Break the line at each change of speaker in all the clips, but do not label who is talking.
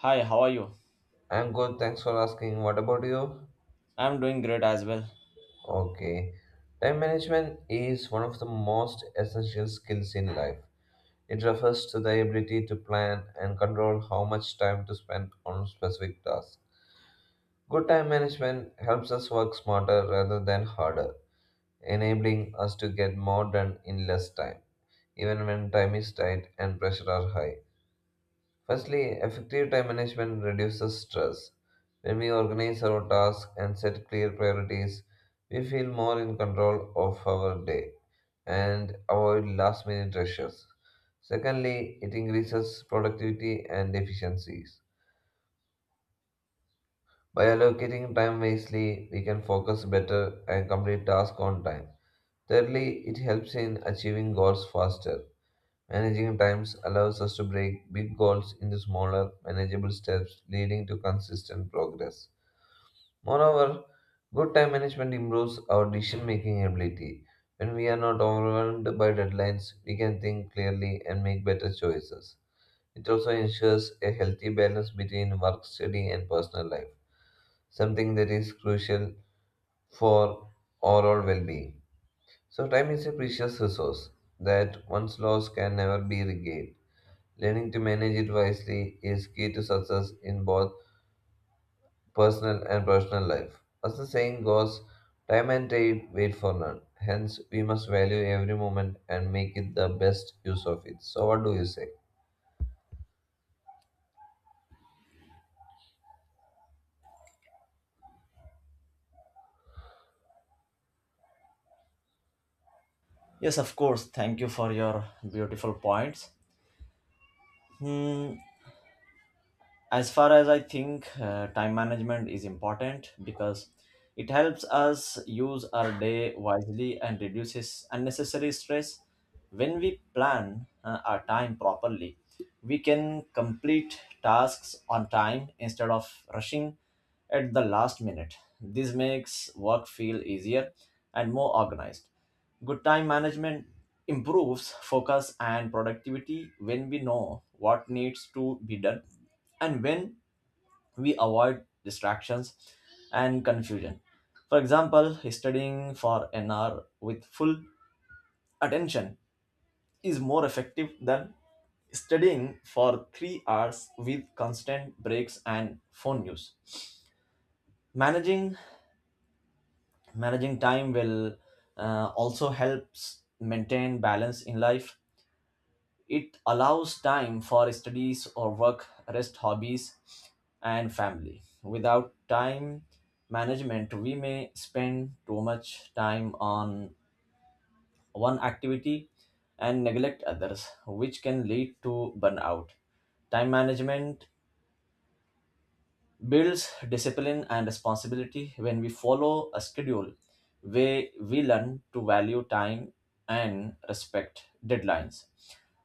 Hi, how are you?
I'm good, thanks for asking. What about you?
I'm doing great as well.
Okay. Time management is one of the most essential skills in life. It refers to the ability to plan and control how much time to spend on specific tasks. Good time management helps us work smarter rather than harder, enabling us to get more done in less time, even when time is tight and pressure are high. Firstly, effective time management reduces stress. When we organize our tasks and set clear priorities, we feel more in control of our day and avoid last minute rushes. Secondly, it increases productivity and efficiencies. By allocating time wisely, we can focus better and complete tasks on time. Thirdly, it helps in achieving goals faster. Managing times allows us to break big goals into smaller, manageable steps, leading to consistent progress. Moreover, good time management improves our decision making ability. When we are not overwhelmed by deadlines, we can think clearly and make better choices. It also ensures a healthy balance between work, study, and personal life, something that is crucial for overall well being. So, time is a precious resource that once lost can never be regained. Learning to manage it wisely is key to success in both personal and professional life. As the saying goes, time and trade wait for none. Hence, we must value every moment and make it the best use of it. So, what do you say?
Yes, of course. Thank you for your beautiful points. Hmm, as far as I think, time management is important because it helps us use our day wisely and reduces unnecessary stress. When we plan our time properly, we can complete tasks on time instead of rushing at the last minute. This makes work feel easier and more organized. Good time management improves focus and productivity. When we know what needs to be done and when, we avoid distractions and confusion. For example, studying for an hour with full attention is more effective than studying for 3 hours with constant breaks and phone use. Managing managing time will also helps maintain balance in life. It allows time for studies or work, rest, hobbies, and family. Without time management, we may spend too much time on one activity and neglect others, which can lead to burnout. Time management builds discipline and responsibility. When we follow a schedule, where we learn to value time and respect deadlines.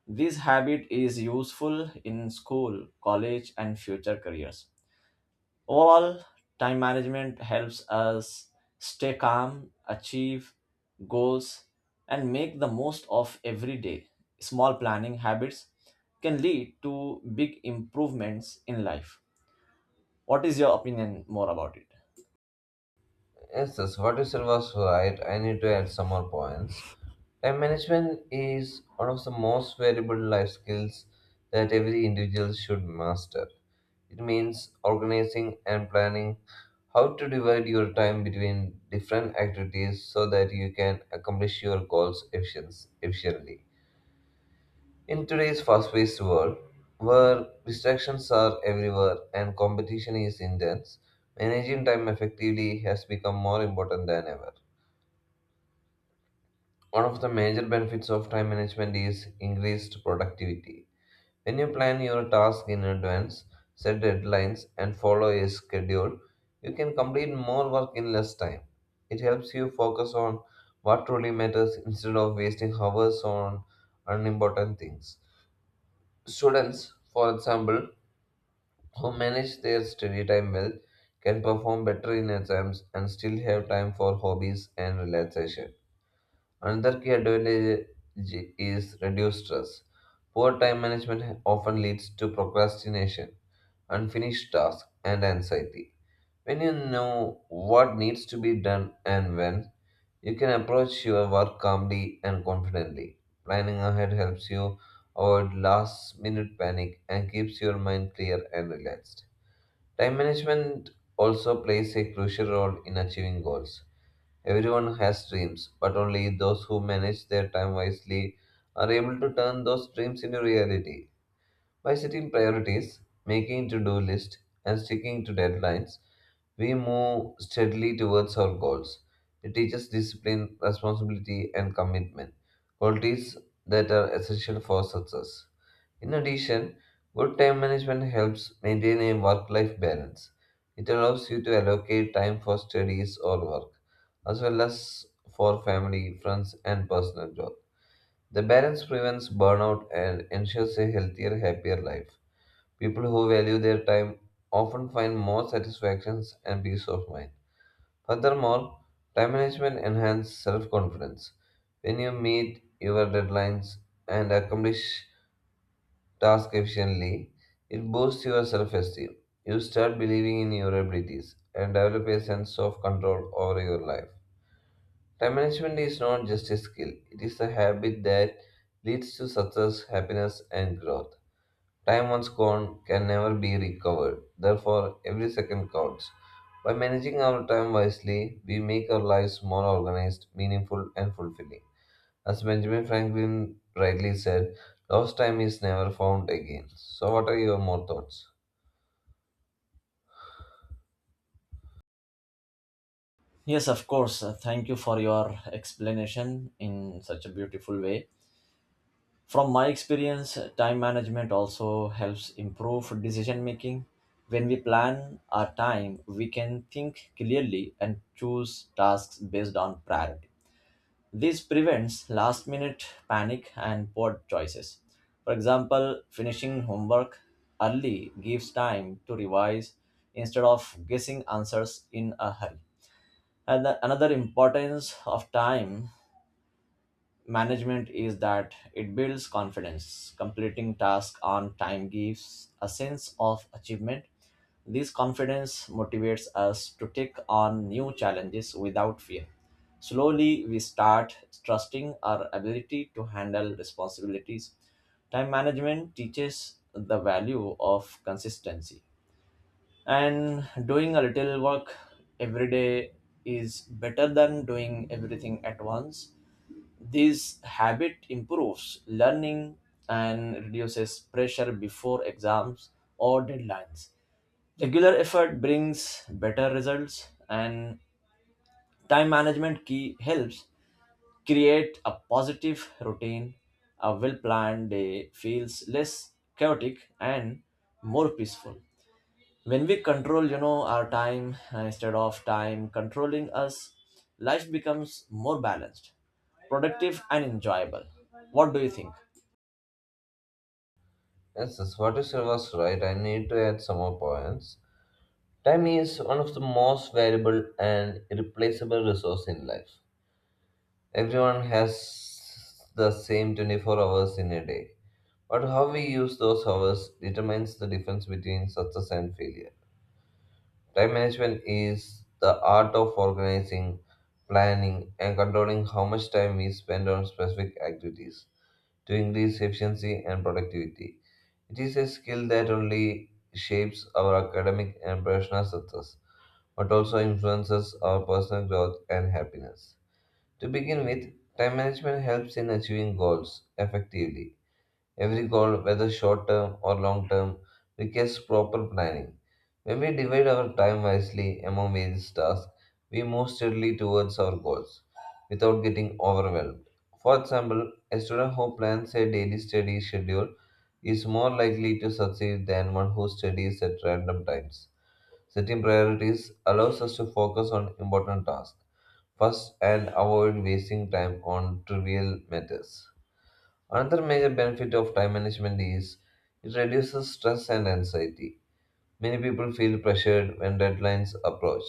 This habit is useful in school, college, and future careers. Overall, time management helps us stay calm, achieve goals, and make the most of every day. Small planning habits can lead to big improvements in life. What is your opinion more about it?
Yes, yes, what you said was right. I need to add some more points. Time management is one of the most valuable life skills that every individual should master. It means organizing and planning how to divide your time between different activities so that you can accomplish your goals efficiently. In today's fast paced world, where distractions are everywhere and competition is intense, managing time effectively has become more important than ever. One of the major benefits of time management is increased productivity. When you plan your task in advance, set deadlines, and follow a schedule, you can complete more work in less time. It helps you focus on what truly matters instead of wasting hours on unimportant things. Students, for example, who manage their study time well can perform better in exams and still have time for hobbies and relaxation. Another key advantage is reduced stress. Poor time management often leads to procrastination, unfinished tasks, and anxiety. When you know what needs to be done and when, you can approach your work calmly and confidently. Planning ahead helps you avoid last minute panic and keeps your mind clear and relaxed. Time management also plays a crucial role in achieving goals. Everyone has dreams, but only those who manage their time wisely are able to turn those dreams into reality. By setting priorities, making to do lists, and sticking to deadlines, we move steadily towards our goals. It teaches discipline, responsibility, and commitment, qualities that are essential for success. In addition, good time management helps maintain a work life balance. It allows you to allocate time for studies or work, as well as for family, friends, and personal growth. The balance prevents burnout and ensures a healthier, happier life. People who value their time often find more satisfactions and peace of mind. Furthermore, time management enhances self confidence. When you meet your deadlines and accomplish task efficiently, it boosts your self esteem. You start believing in your abilities and develop a sense of control over your life. Time management is not just a skill, it is a habit that leads to success, happiness, and growth. Time once gone can never be recovered, therefore, every second counts. By managing our time wisely, we make our lives more organized, meaningful, and fulfilling. As Benjamin Franklin rightly said, lost time is never found again. So, what are your more thoughts?
Yes, of course. Thank you for your explanation in such a beautiful way. From my experience, time management also helps improve decision making. When we plan our time, we can think clearly and choose tasks based on priority. This prevents last minute panic and poor choices. For example, finishing homework early gives time to revise instead of guessing answers in a hurry. Another importance of time management is that it builds confidence. Completing tasks on time gives a sense of achievement. This confidence motivates us to take on new challenges without fear. Slowly, we start trusting our ability to handle responsibilities. Time management teaches the value of consistency, and doing a little work every day is better than doing everything at once. This habit improves learning and reduces pressure before exams or deadlines. Regular effort brings better results, and time management key helps create a positive routine. A well planned day feels less chaotic and more peaceful. When we control our time, instead of time controlling us, life becomes more balanced, productive, and enjoyable. What do you think?
Yes, yes, what you said was right. I need to add some more points. Time is one of the most valuable and irreplaceable resource in life. Everyone has the same 24 hours in a day, but how we use those hours determines the difference between success and failure. Time management is the art of organizing, planning, and controlling how much time we spend on specific activities to increase efficiency and productivity. It is a skill that only shapes our academic and professional success, but also influences our personal growth and happiness. To begin with, time management helps in achieving goals effectively. Every goal, whether short term or long term, requires proper planning. When we divide our time wisely among various tasks, we move steadily towards our goals without getting overwhelmed. For example, a student who plans a daily study schedule is more likely to succeed than one who studies at random times. Setting priorities allows us to focus on important tasks first and avoid wasting time on trivial matters. Another major benefit of time management is it reduces stress and anxiety. Many people feel pressured when deadlines approach,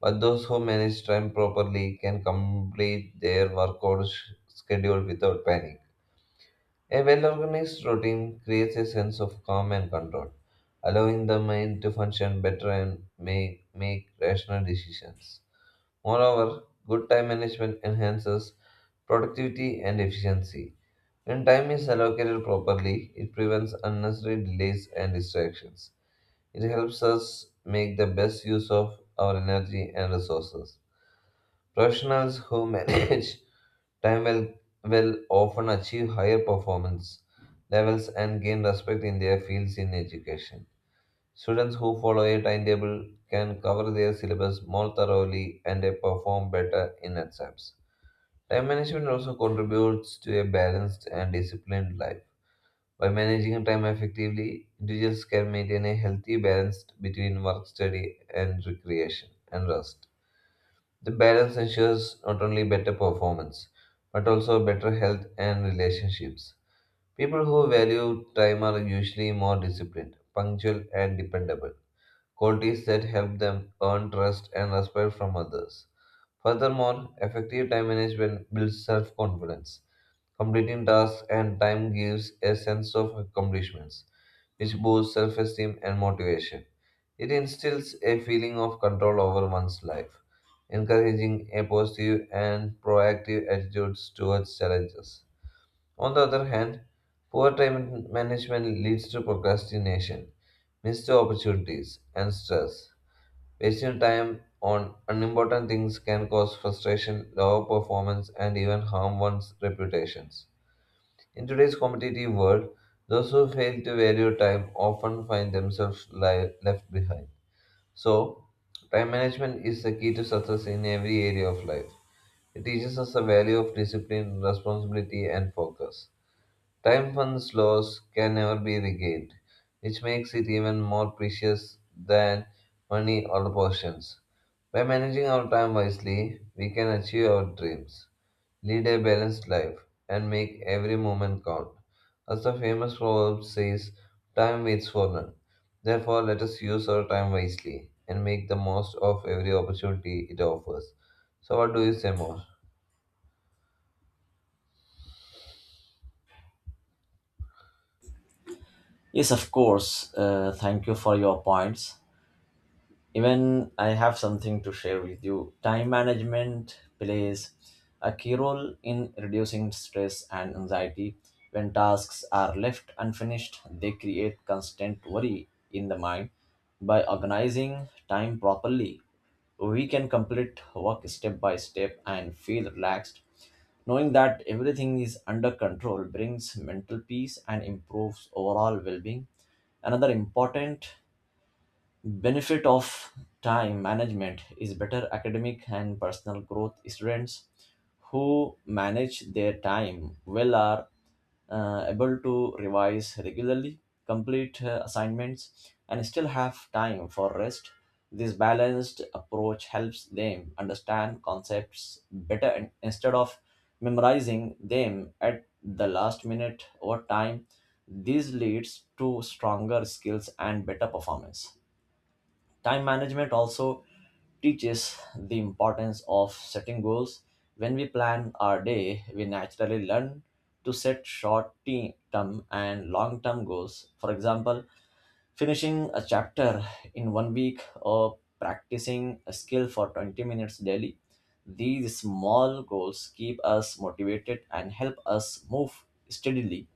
but those who manage time properly can complete their work or schedule without panic. A well organized routine creates a sense of calm and control, allowing the mind to function better and make rational decisions. Moreover, good time management enhances productivity and efficiency. When time is allocated properly, it prevents unnecessary delays and distractions. It helps us make the best use of our energy and resources. Professionals who manage time well, will often achieve higher performance levels and gain respect in their fields in education. Students who follow a timetable can cover their syllabus more thoroughly and they perform better in exams. Time management also contributes to a balanced and disciplined life. By managing time effectively, individuals can maintain a healthy balance between work, study, and recreation and rest. The balance ensures not only better performance, but also better health and relationships. People who value time are usually more disciplined, punctual, and dependable, qualities that help them earn trust and respect from others. Furthermore, effective time management builds self confidence. Completing tasks and time gives a sense of accomplishments, which boosts self esteem and motivation. It instills a feeling of control over one's life, encouraging a positive and proactive attitude towards challenges. On the other hand, poor time management leads to procrastination, missed opportunities, and stress. Wasting time on unimportant things can cause frustration, lower performance, and even harm one's reputations. In today's competitive world, those who fail to value time often find themselves left behind. So, time management is the key to success in every area of life. It teaches us the value of discipline, responsibility, and focus. Time once lost can never be regained, which makes it even more precious than money or possessions. By managing our time wisely, we can achieve our dreams, lead a balanced life, and make every moment count. As the famous proverb says, time waits for none. Therefore, let us use our time wisely and make the most of every opportunity it offers. So, what do you say more?
Yes, of course. Thank you for your points. Even I have something to share with you. Time management plays a key role in reducing stress and anxiety. When tasks are left unfinished, they create constant worry in the mind. By organizing time properly, we can complete work step by step and feel relaxed. Knowing that everything is under control brings mental peace and improves overall well being. Another important benefit of time management is better academic and personal growth. Students who manage their time well are able to revise regularly, complete assignments, and still have time for rest. This balanced approach helps them understand concepts better instead of memorizing them at the last minute. Over time, this leads to stronger skills and better performance. Time management also teaches the importance of setting goals. When we plan our day, we naturally learn to set short term and long term goals. For example, finishing a chapter in one week or practicing a skill for 20 minutes daily. These small goals keep us motivated and help us move steadily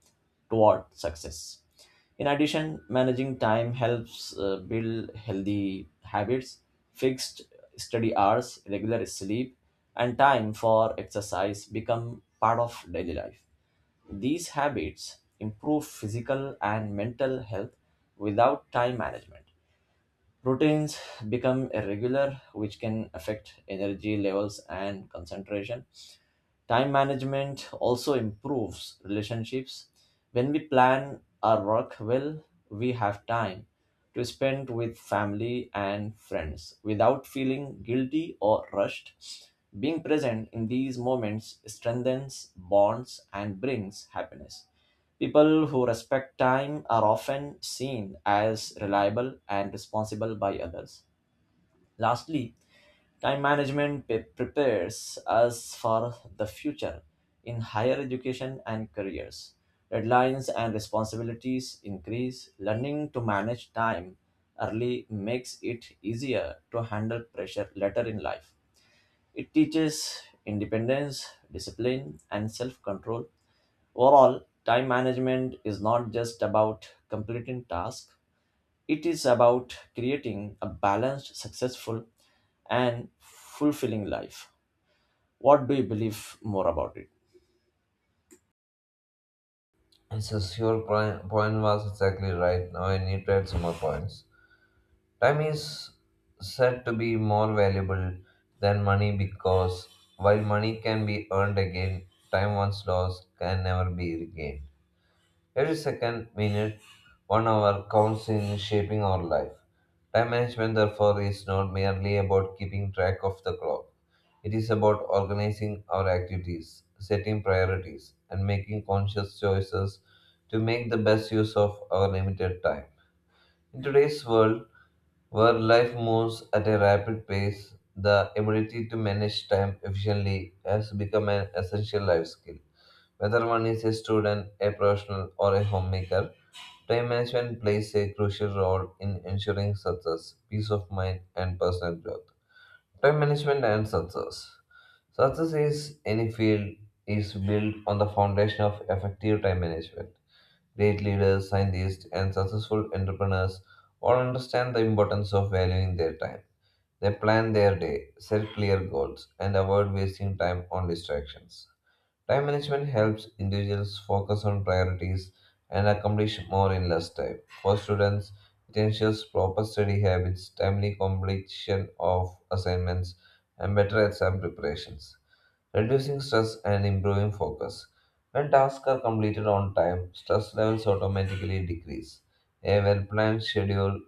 toward success. In addition, managing time helps build healthy habits. Fixed study hours, regular sleep, and time for exercise become part of daily life. These habits improve physical and mental health. Without time management, routines become irregular, which can affect energy levels and concentration. Time management also improves relationships. When we plan our work well, we have time to spend with family and friends without feeling guilty or rushed. Being present in these moments strengthens bonds and brings happiness. People who respect time are often seen as reliable and responsible by others. Lastly, time management prepares us for the future. In higher education and careers, deadlines and responsibilities increase. Learning to manage time early makes it easier to handle pressure later in life. It teaches independence, discipline, and self control. Overall, time management is not just about completing tasks, it is about creating a balanced, successful, and fulfilling life. What do you believe more about it?
Yes, your point was exactly right. Now I need to add some more points. Time is said to be more valuable than money because while money can be earned again, time once lost can never be regained. Every second, minute, 1 hour counts in shaping our life. Time management, therefore, is not merely about keeping track of the clock. It is about organizing our activities, setting priorities, and making conscious choices to make the best use of our limited time. In today's world, where life moves at a rapid pace, the ability to manage time efficiently has become an essential life skill. Whether one is a student, a professional, or a homemaker, time management plays a crucial role in ensuring success, peace of mind, and personal growth. Time management and success. Success is any field is built on the foundation of effective time management. Great leaders, scientists, and successful entrepreneurs all understand the importance of valuing their time. They plan their day, set clear goals, and avoid wasting time on distractions. Time management helps individuals focus on priorities and accomplish more in less time. For students, it ensures proper study habits, timely completion of assignments, and better exam preparations, reducing stress and improving focus. When tasks are completed on time, stress levels automatically decrease. A well planned schedule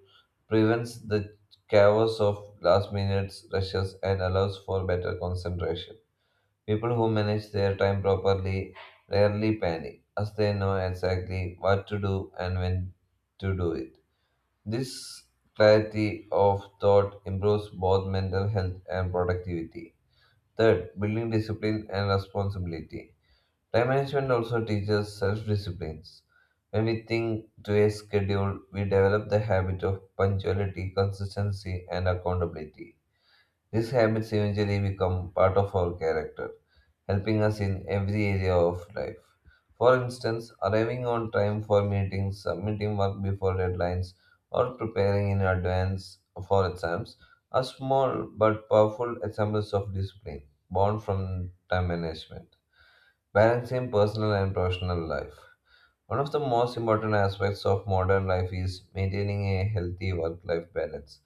prevents the chaos of last minute rushes and allows for better concentration. People who manage their time properly rarely panic, as they know exactly what to do and when to do it. This clarity of thought improves both mental health and productivity. Third, building discipline and responsibility. Time management also teaches self disciplines. When we think to a schedule, we develop the habit of punctuality, consistency, and accountability. These habits eventually become part of our character, helping us in every area of life. For instance, arriving on time for meetings, submitting work before deadlines, or preparing in advance for exams are small but powerful examples of discipline born from time management. Balancing personal and professional life. One of the most important aspects of modern life is maintaining a healthy work life balance.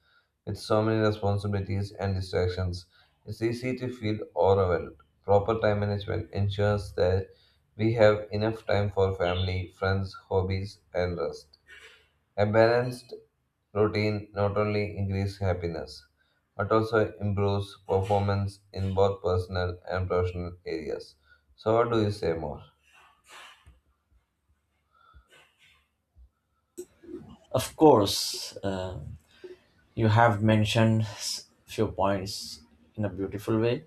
With so many responsibilities and distractions, it's easy to feel overwhelmed. Proper time management ensures that we have enough time for family, friends, hobbies, and rest. A balanced routine not only increases happiness, but also improves performance in both personal and professional areas. So, what do you say more?
Of course, you have mentioned few points in a beautiful way.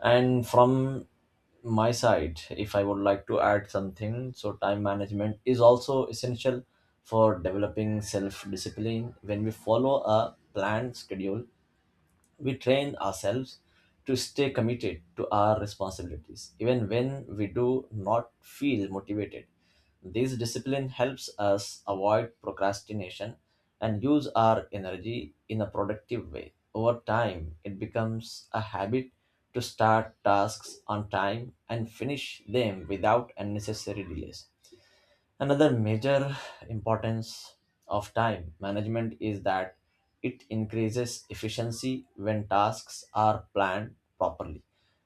And from my side, if I would like to add something, so time management is also essential for developing self discipline. When we follow a planned schedule, we train ourselves to stay committed to our responsibilities, even when we do not feel motivated. This discipline helps us avoid procrastination and use our energy in a productive way. Over time, it becomes a habit to start tasks on time and finish them without unnecessary delays. Another major importance of time management is that it increases efficiency when tasks are planned properly.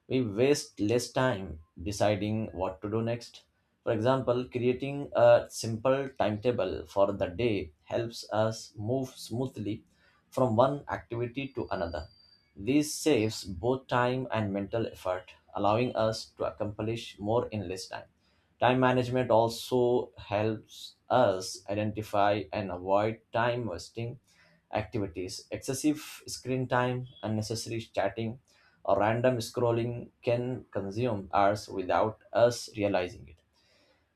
We waste less time deciding what to do next. For example, creating a simple timetable for the day helps us move smoothly from one activity to another. This saves both time and mental effort, allowing us to accomplish more in less time. Time management also helps us identify and avoid time wasting activities. Excessive screen time, unnecessary chatting, or random scrolling can consume hours without us realizing it.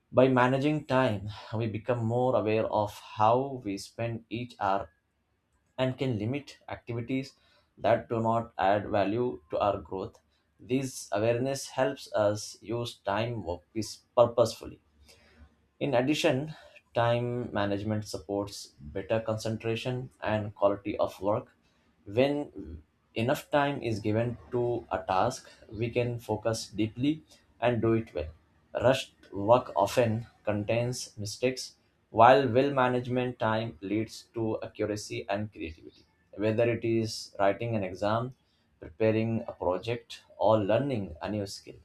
By managing time, we become more aware of how we spend each hour and can limit activities that do not add value to our growth. This awareness helps us use time purposefully. In addition, time management supports better concentration and quality of work. When enough time is given to a task, we can focus deeply and do it well. Rushed work often contains mistakes, while well management time leads to accuracy and creativity. Whether it is writing an exam, preparing a project, or learning a new skill,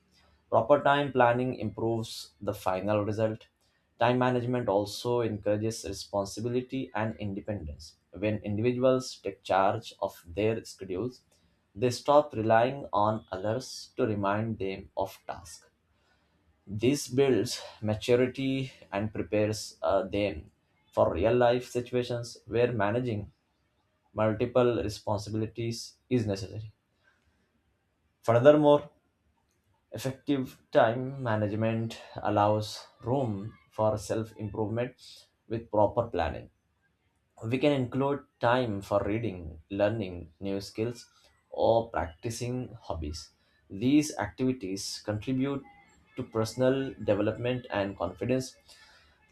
proper time planning improves the final result. Time management also encourages responsibility and independence. When individuals take charge of their schedules, they stop relying on others to remind them of tasks. This builds maturity and prepares them for real life situations where managing multiple responsibilities is necessary. Furthermore, effective time management allows room for self improvement. With proper planning, we can include time for reading, learning new skills, or practicing hobbies. These activities contribute to personal development and confidence.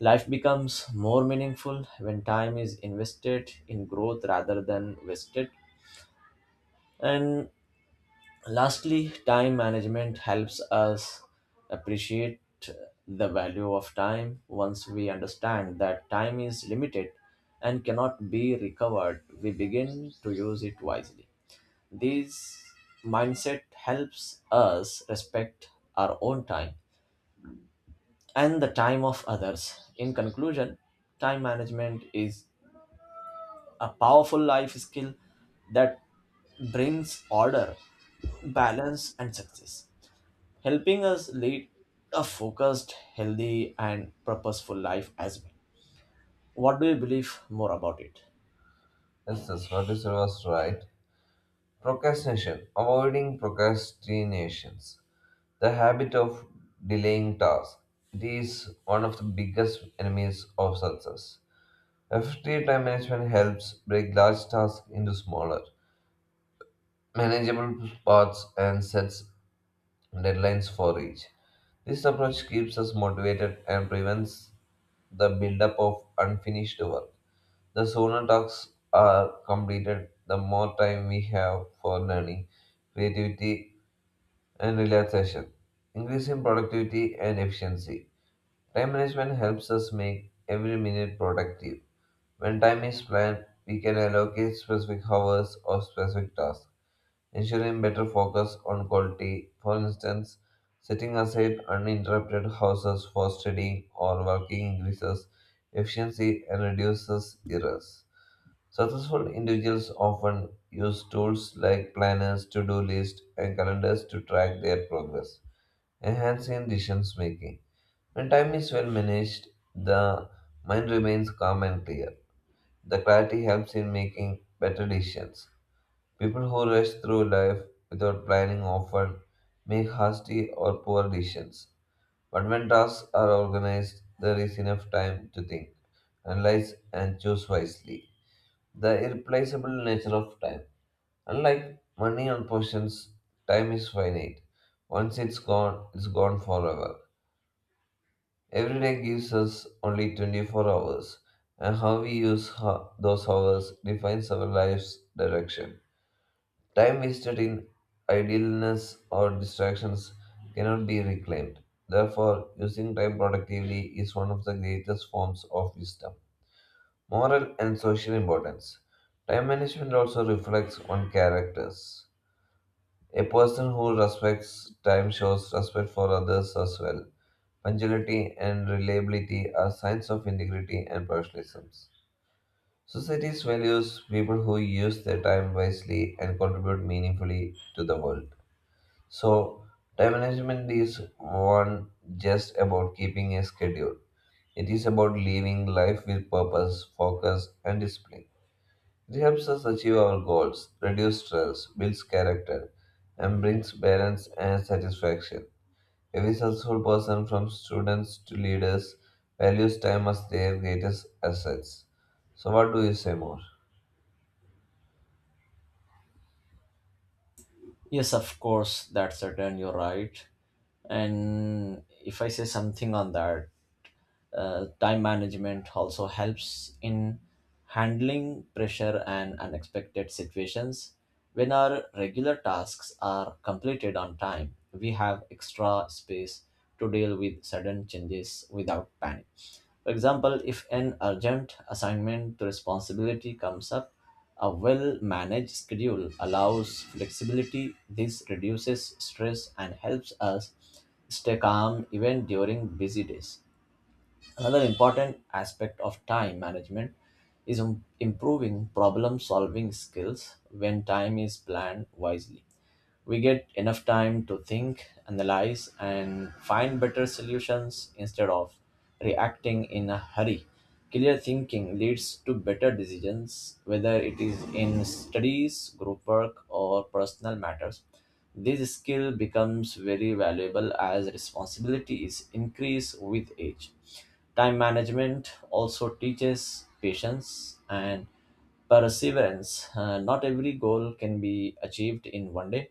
Life becomes more meaningful when time is invested in growth rather than wasted. And lastly, time management helps us appreciate the value of time. Once we understand that time is limited and cannot be recovered, we begin to use it wisely. This mindset helps us respect our own time and the time of others. In conclusion, time management is a powerful life skill that brings order, balance, and success, helping us lead a focused, healthy, and purposeful life as well. What do you believe more about it?
Yes, that's what you said was right. Procrastination, avoiding procrastinations. The habit of delaying tasks it is one of the biggest enemies of success. Effective time management helps break large tasks into smaller, manageable parts and sets deadlines for each. This approach keeps us motivated and prevents the buildup of unfinished work. The sooner tasks are completed, the more time we have for learning, creativity, and relaxation, increasing productivity and efficiency. Time management helps us make every minute productive. When time is planned, we can allocate specific hours or specific tasks, ensuring better focus on quality. For instance, setting aside uninterrupted hours for studying or working increases efficiency and reduces errors. Successful individuals often use tools like planners, to do lists, and calendars to track their progress, enhancing decision making. When time is well managed, the mind remains calm and clear. The clarity helps in making better decisions. People who rush through life without planning often make hasty or poor decisions. But when tasks are organized, there is enough time to think, analyze, and choose wisely. The irreplaceable nature of time. Unlike money and possessions, time is finite. Once it's gone forever. Every day gives us only 24 hours, and how we use those hours defines our life's direction. Time wasted in idleness or distractions cannot be reclaimed. Therefore, using time productively is one of the greatest forms of wisdom. Moral and social importance. Time management also reflects on characters. A person who respects time shows respect for others as well. Punctuality and reliability are signs of integrity and professionalism. Societies values people who use their time wisely and contribute meaningfully to the world. So, time management is one just about keeping a schedule. It is about living life with purpose, focus, and discipline. It helps us achieve our goals, reduce stress, builds character, and brings balance and satisfaction. Every successful person, from students to leaders, values time as their greatest assets. So, what do you say more?
Yes, of course, that's certain, you're right. And if I say something on that, time management also helps in handling pressure and unexpected situations. When our regular tasks are completed on time, we have extra space to deal with sudden changes without panic. For example, if an urgent assignment to responsibility comes up, a well managed schedule allows flexibility. This reduces stress and helps us stay calm even during busy days. Another important aspect of time management is improving problem solving skills. When time is planned wisely, we get enough time to think, analyze, and find better solutions instead of reacting in a hurry. Clear thinking leads to better decisions, whether it is in studies, group work, or personal matters. This skill becomes very valuable as responsibilities increase with age. Time management also teaches patience and perseverance. Not every goal can be achieved in one day.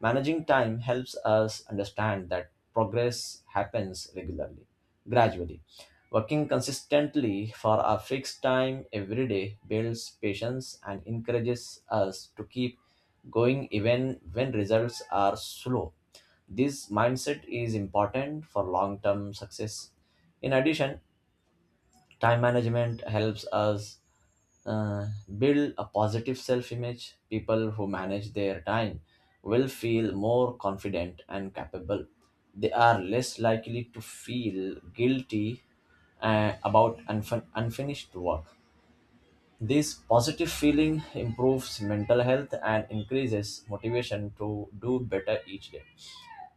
Managing time helps us understand that progress happens gradually. Working consistently for a fixed time every day builds patience and encourages us to keep going even when results are slow. This mindset is important for long term success. In addition, time management helps us uh, build a positive self image. People who manage their time will feel more confident and capable. They are less likely to feel guilty about unfinished work. This positive feeling improves mental health and increases motivation to do better each day.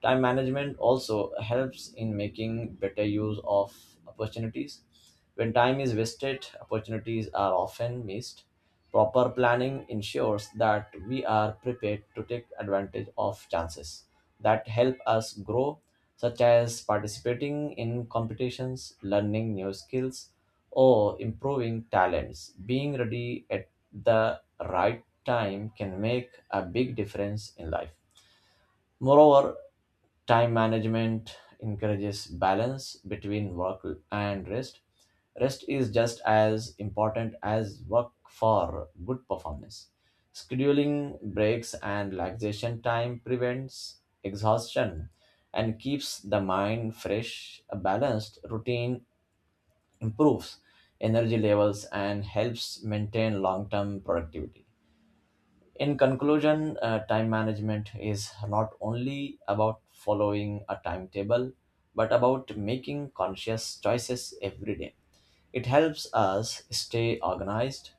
Time management also helps in making better use of opportunities. When time is wasted, opportunities are often missed. Proper planning ensures that we are prepared to take advantage of chances that help us grow, such as participating in competitions, learning new skills, or improving talents. Being ready at the right time can make a big difference in life. Moreover, time management encourages balance between work and rest. Rest is just as important as work for good performance. Scheduling breaks and relaxation time prevents exhaustion and keeps the mind fresh. A balanced routine improves energy levels and helps maintain long term productivity. In conclusion, time management is not only about following a timetable, but about making conscious choices every day. It helps us stay organized,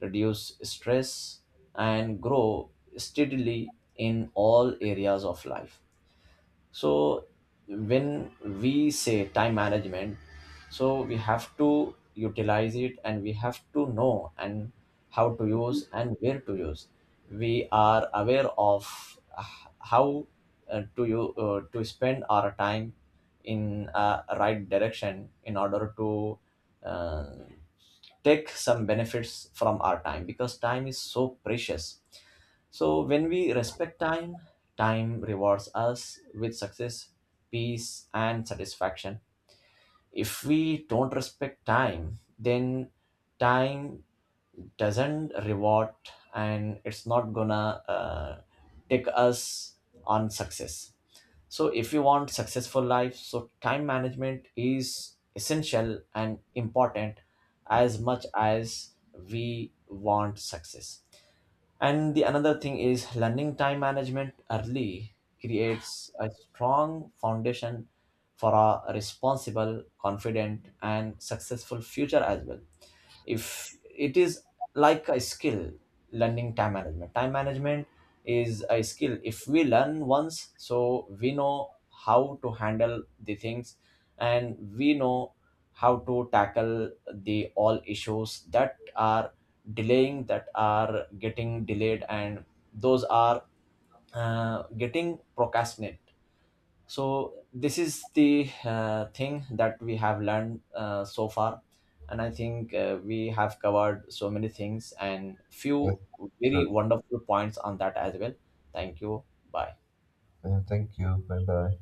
reduce stress, and grow steadily in all areas of life. So when we say time management, so we have to utilize it, and we have to know, and how to use and where to use. We are aware of how to spend our time in a right direction in order to uh, take some benefits from our time, because time is so precious. So when we respect time, time rewards us with success, peace, and satisfaction. If we don't respect time, then time doesn't reward, and it's not gonna take us on success. So if you want successful life, so time management is essential and important as much as we want success. And the another thing is, learning time management early creates a strong foundation for a responsible, confident, and successful future as well. If it is like a skill, learning time management, is a skill. If we learn once, so we know how to handle the things, and we know how to tackle the all issues that are getting delayed and those are getting procrastinate. So this is the thing that we have learned so far. And I think we have covered so many things, and
Yes,
few very
sure.
wonderful points on that as well. Thank you. Bye.
Yeah, thank you. Bye bye.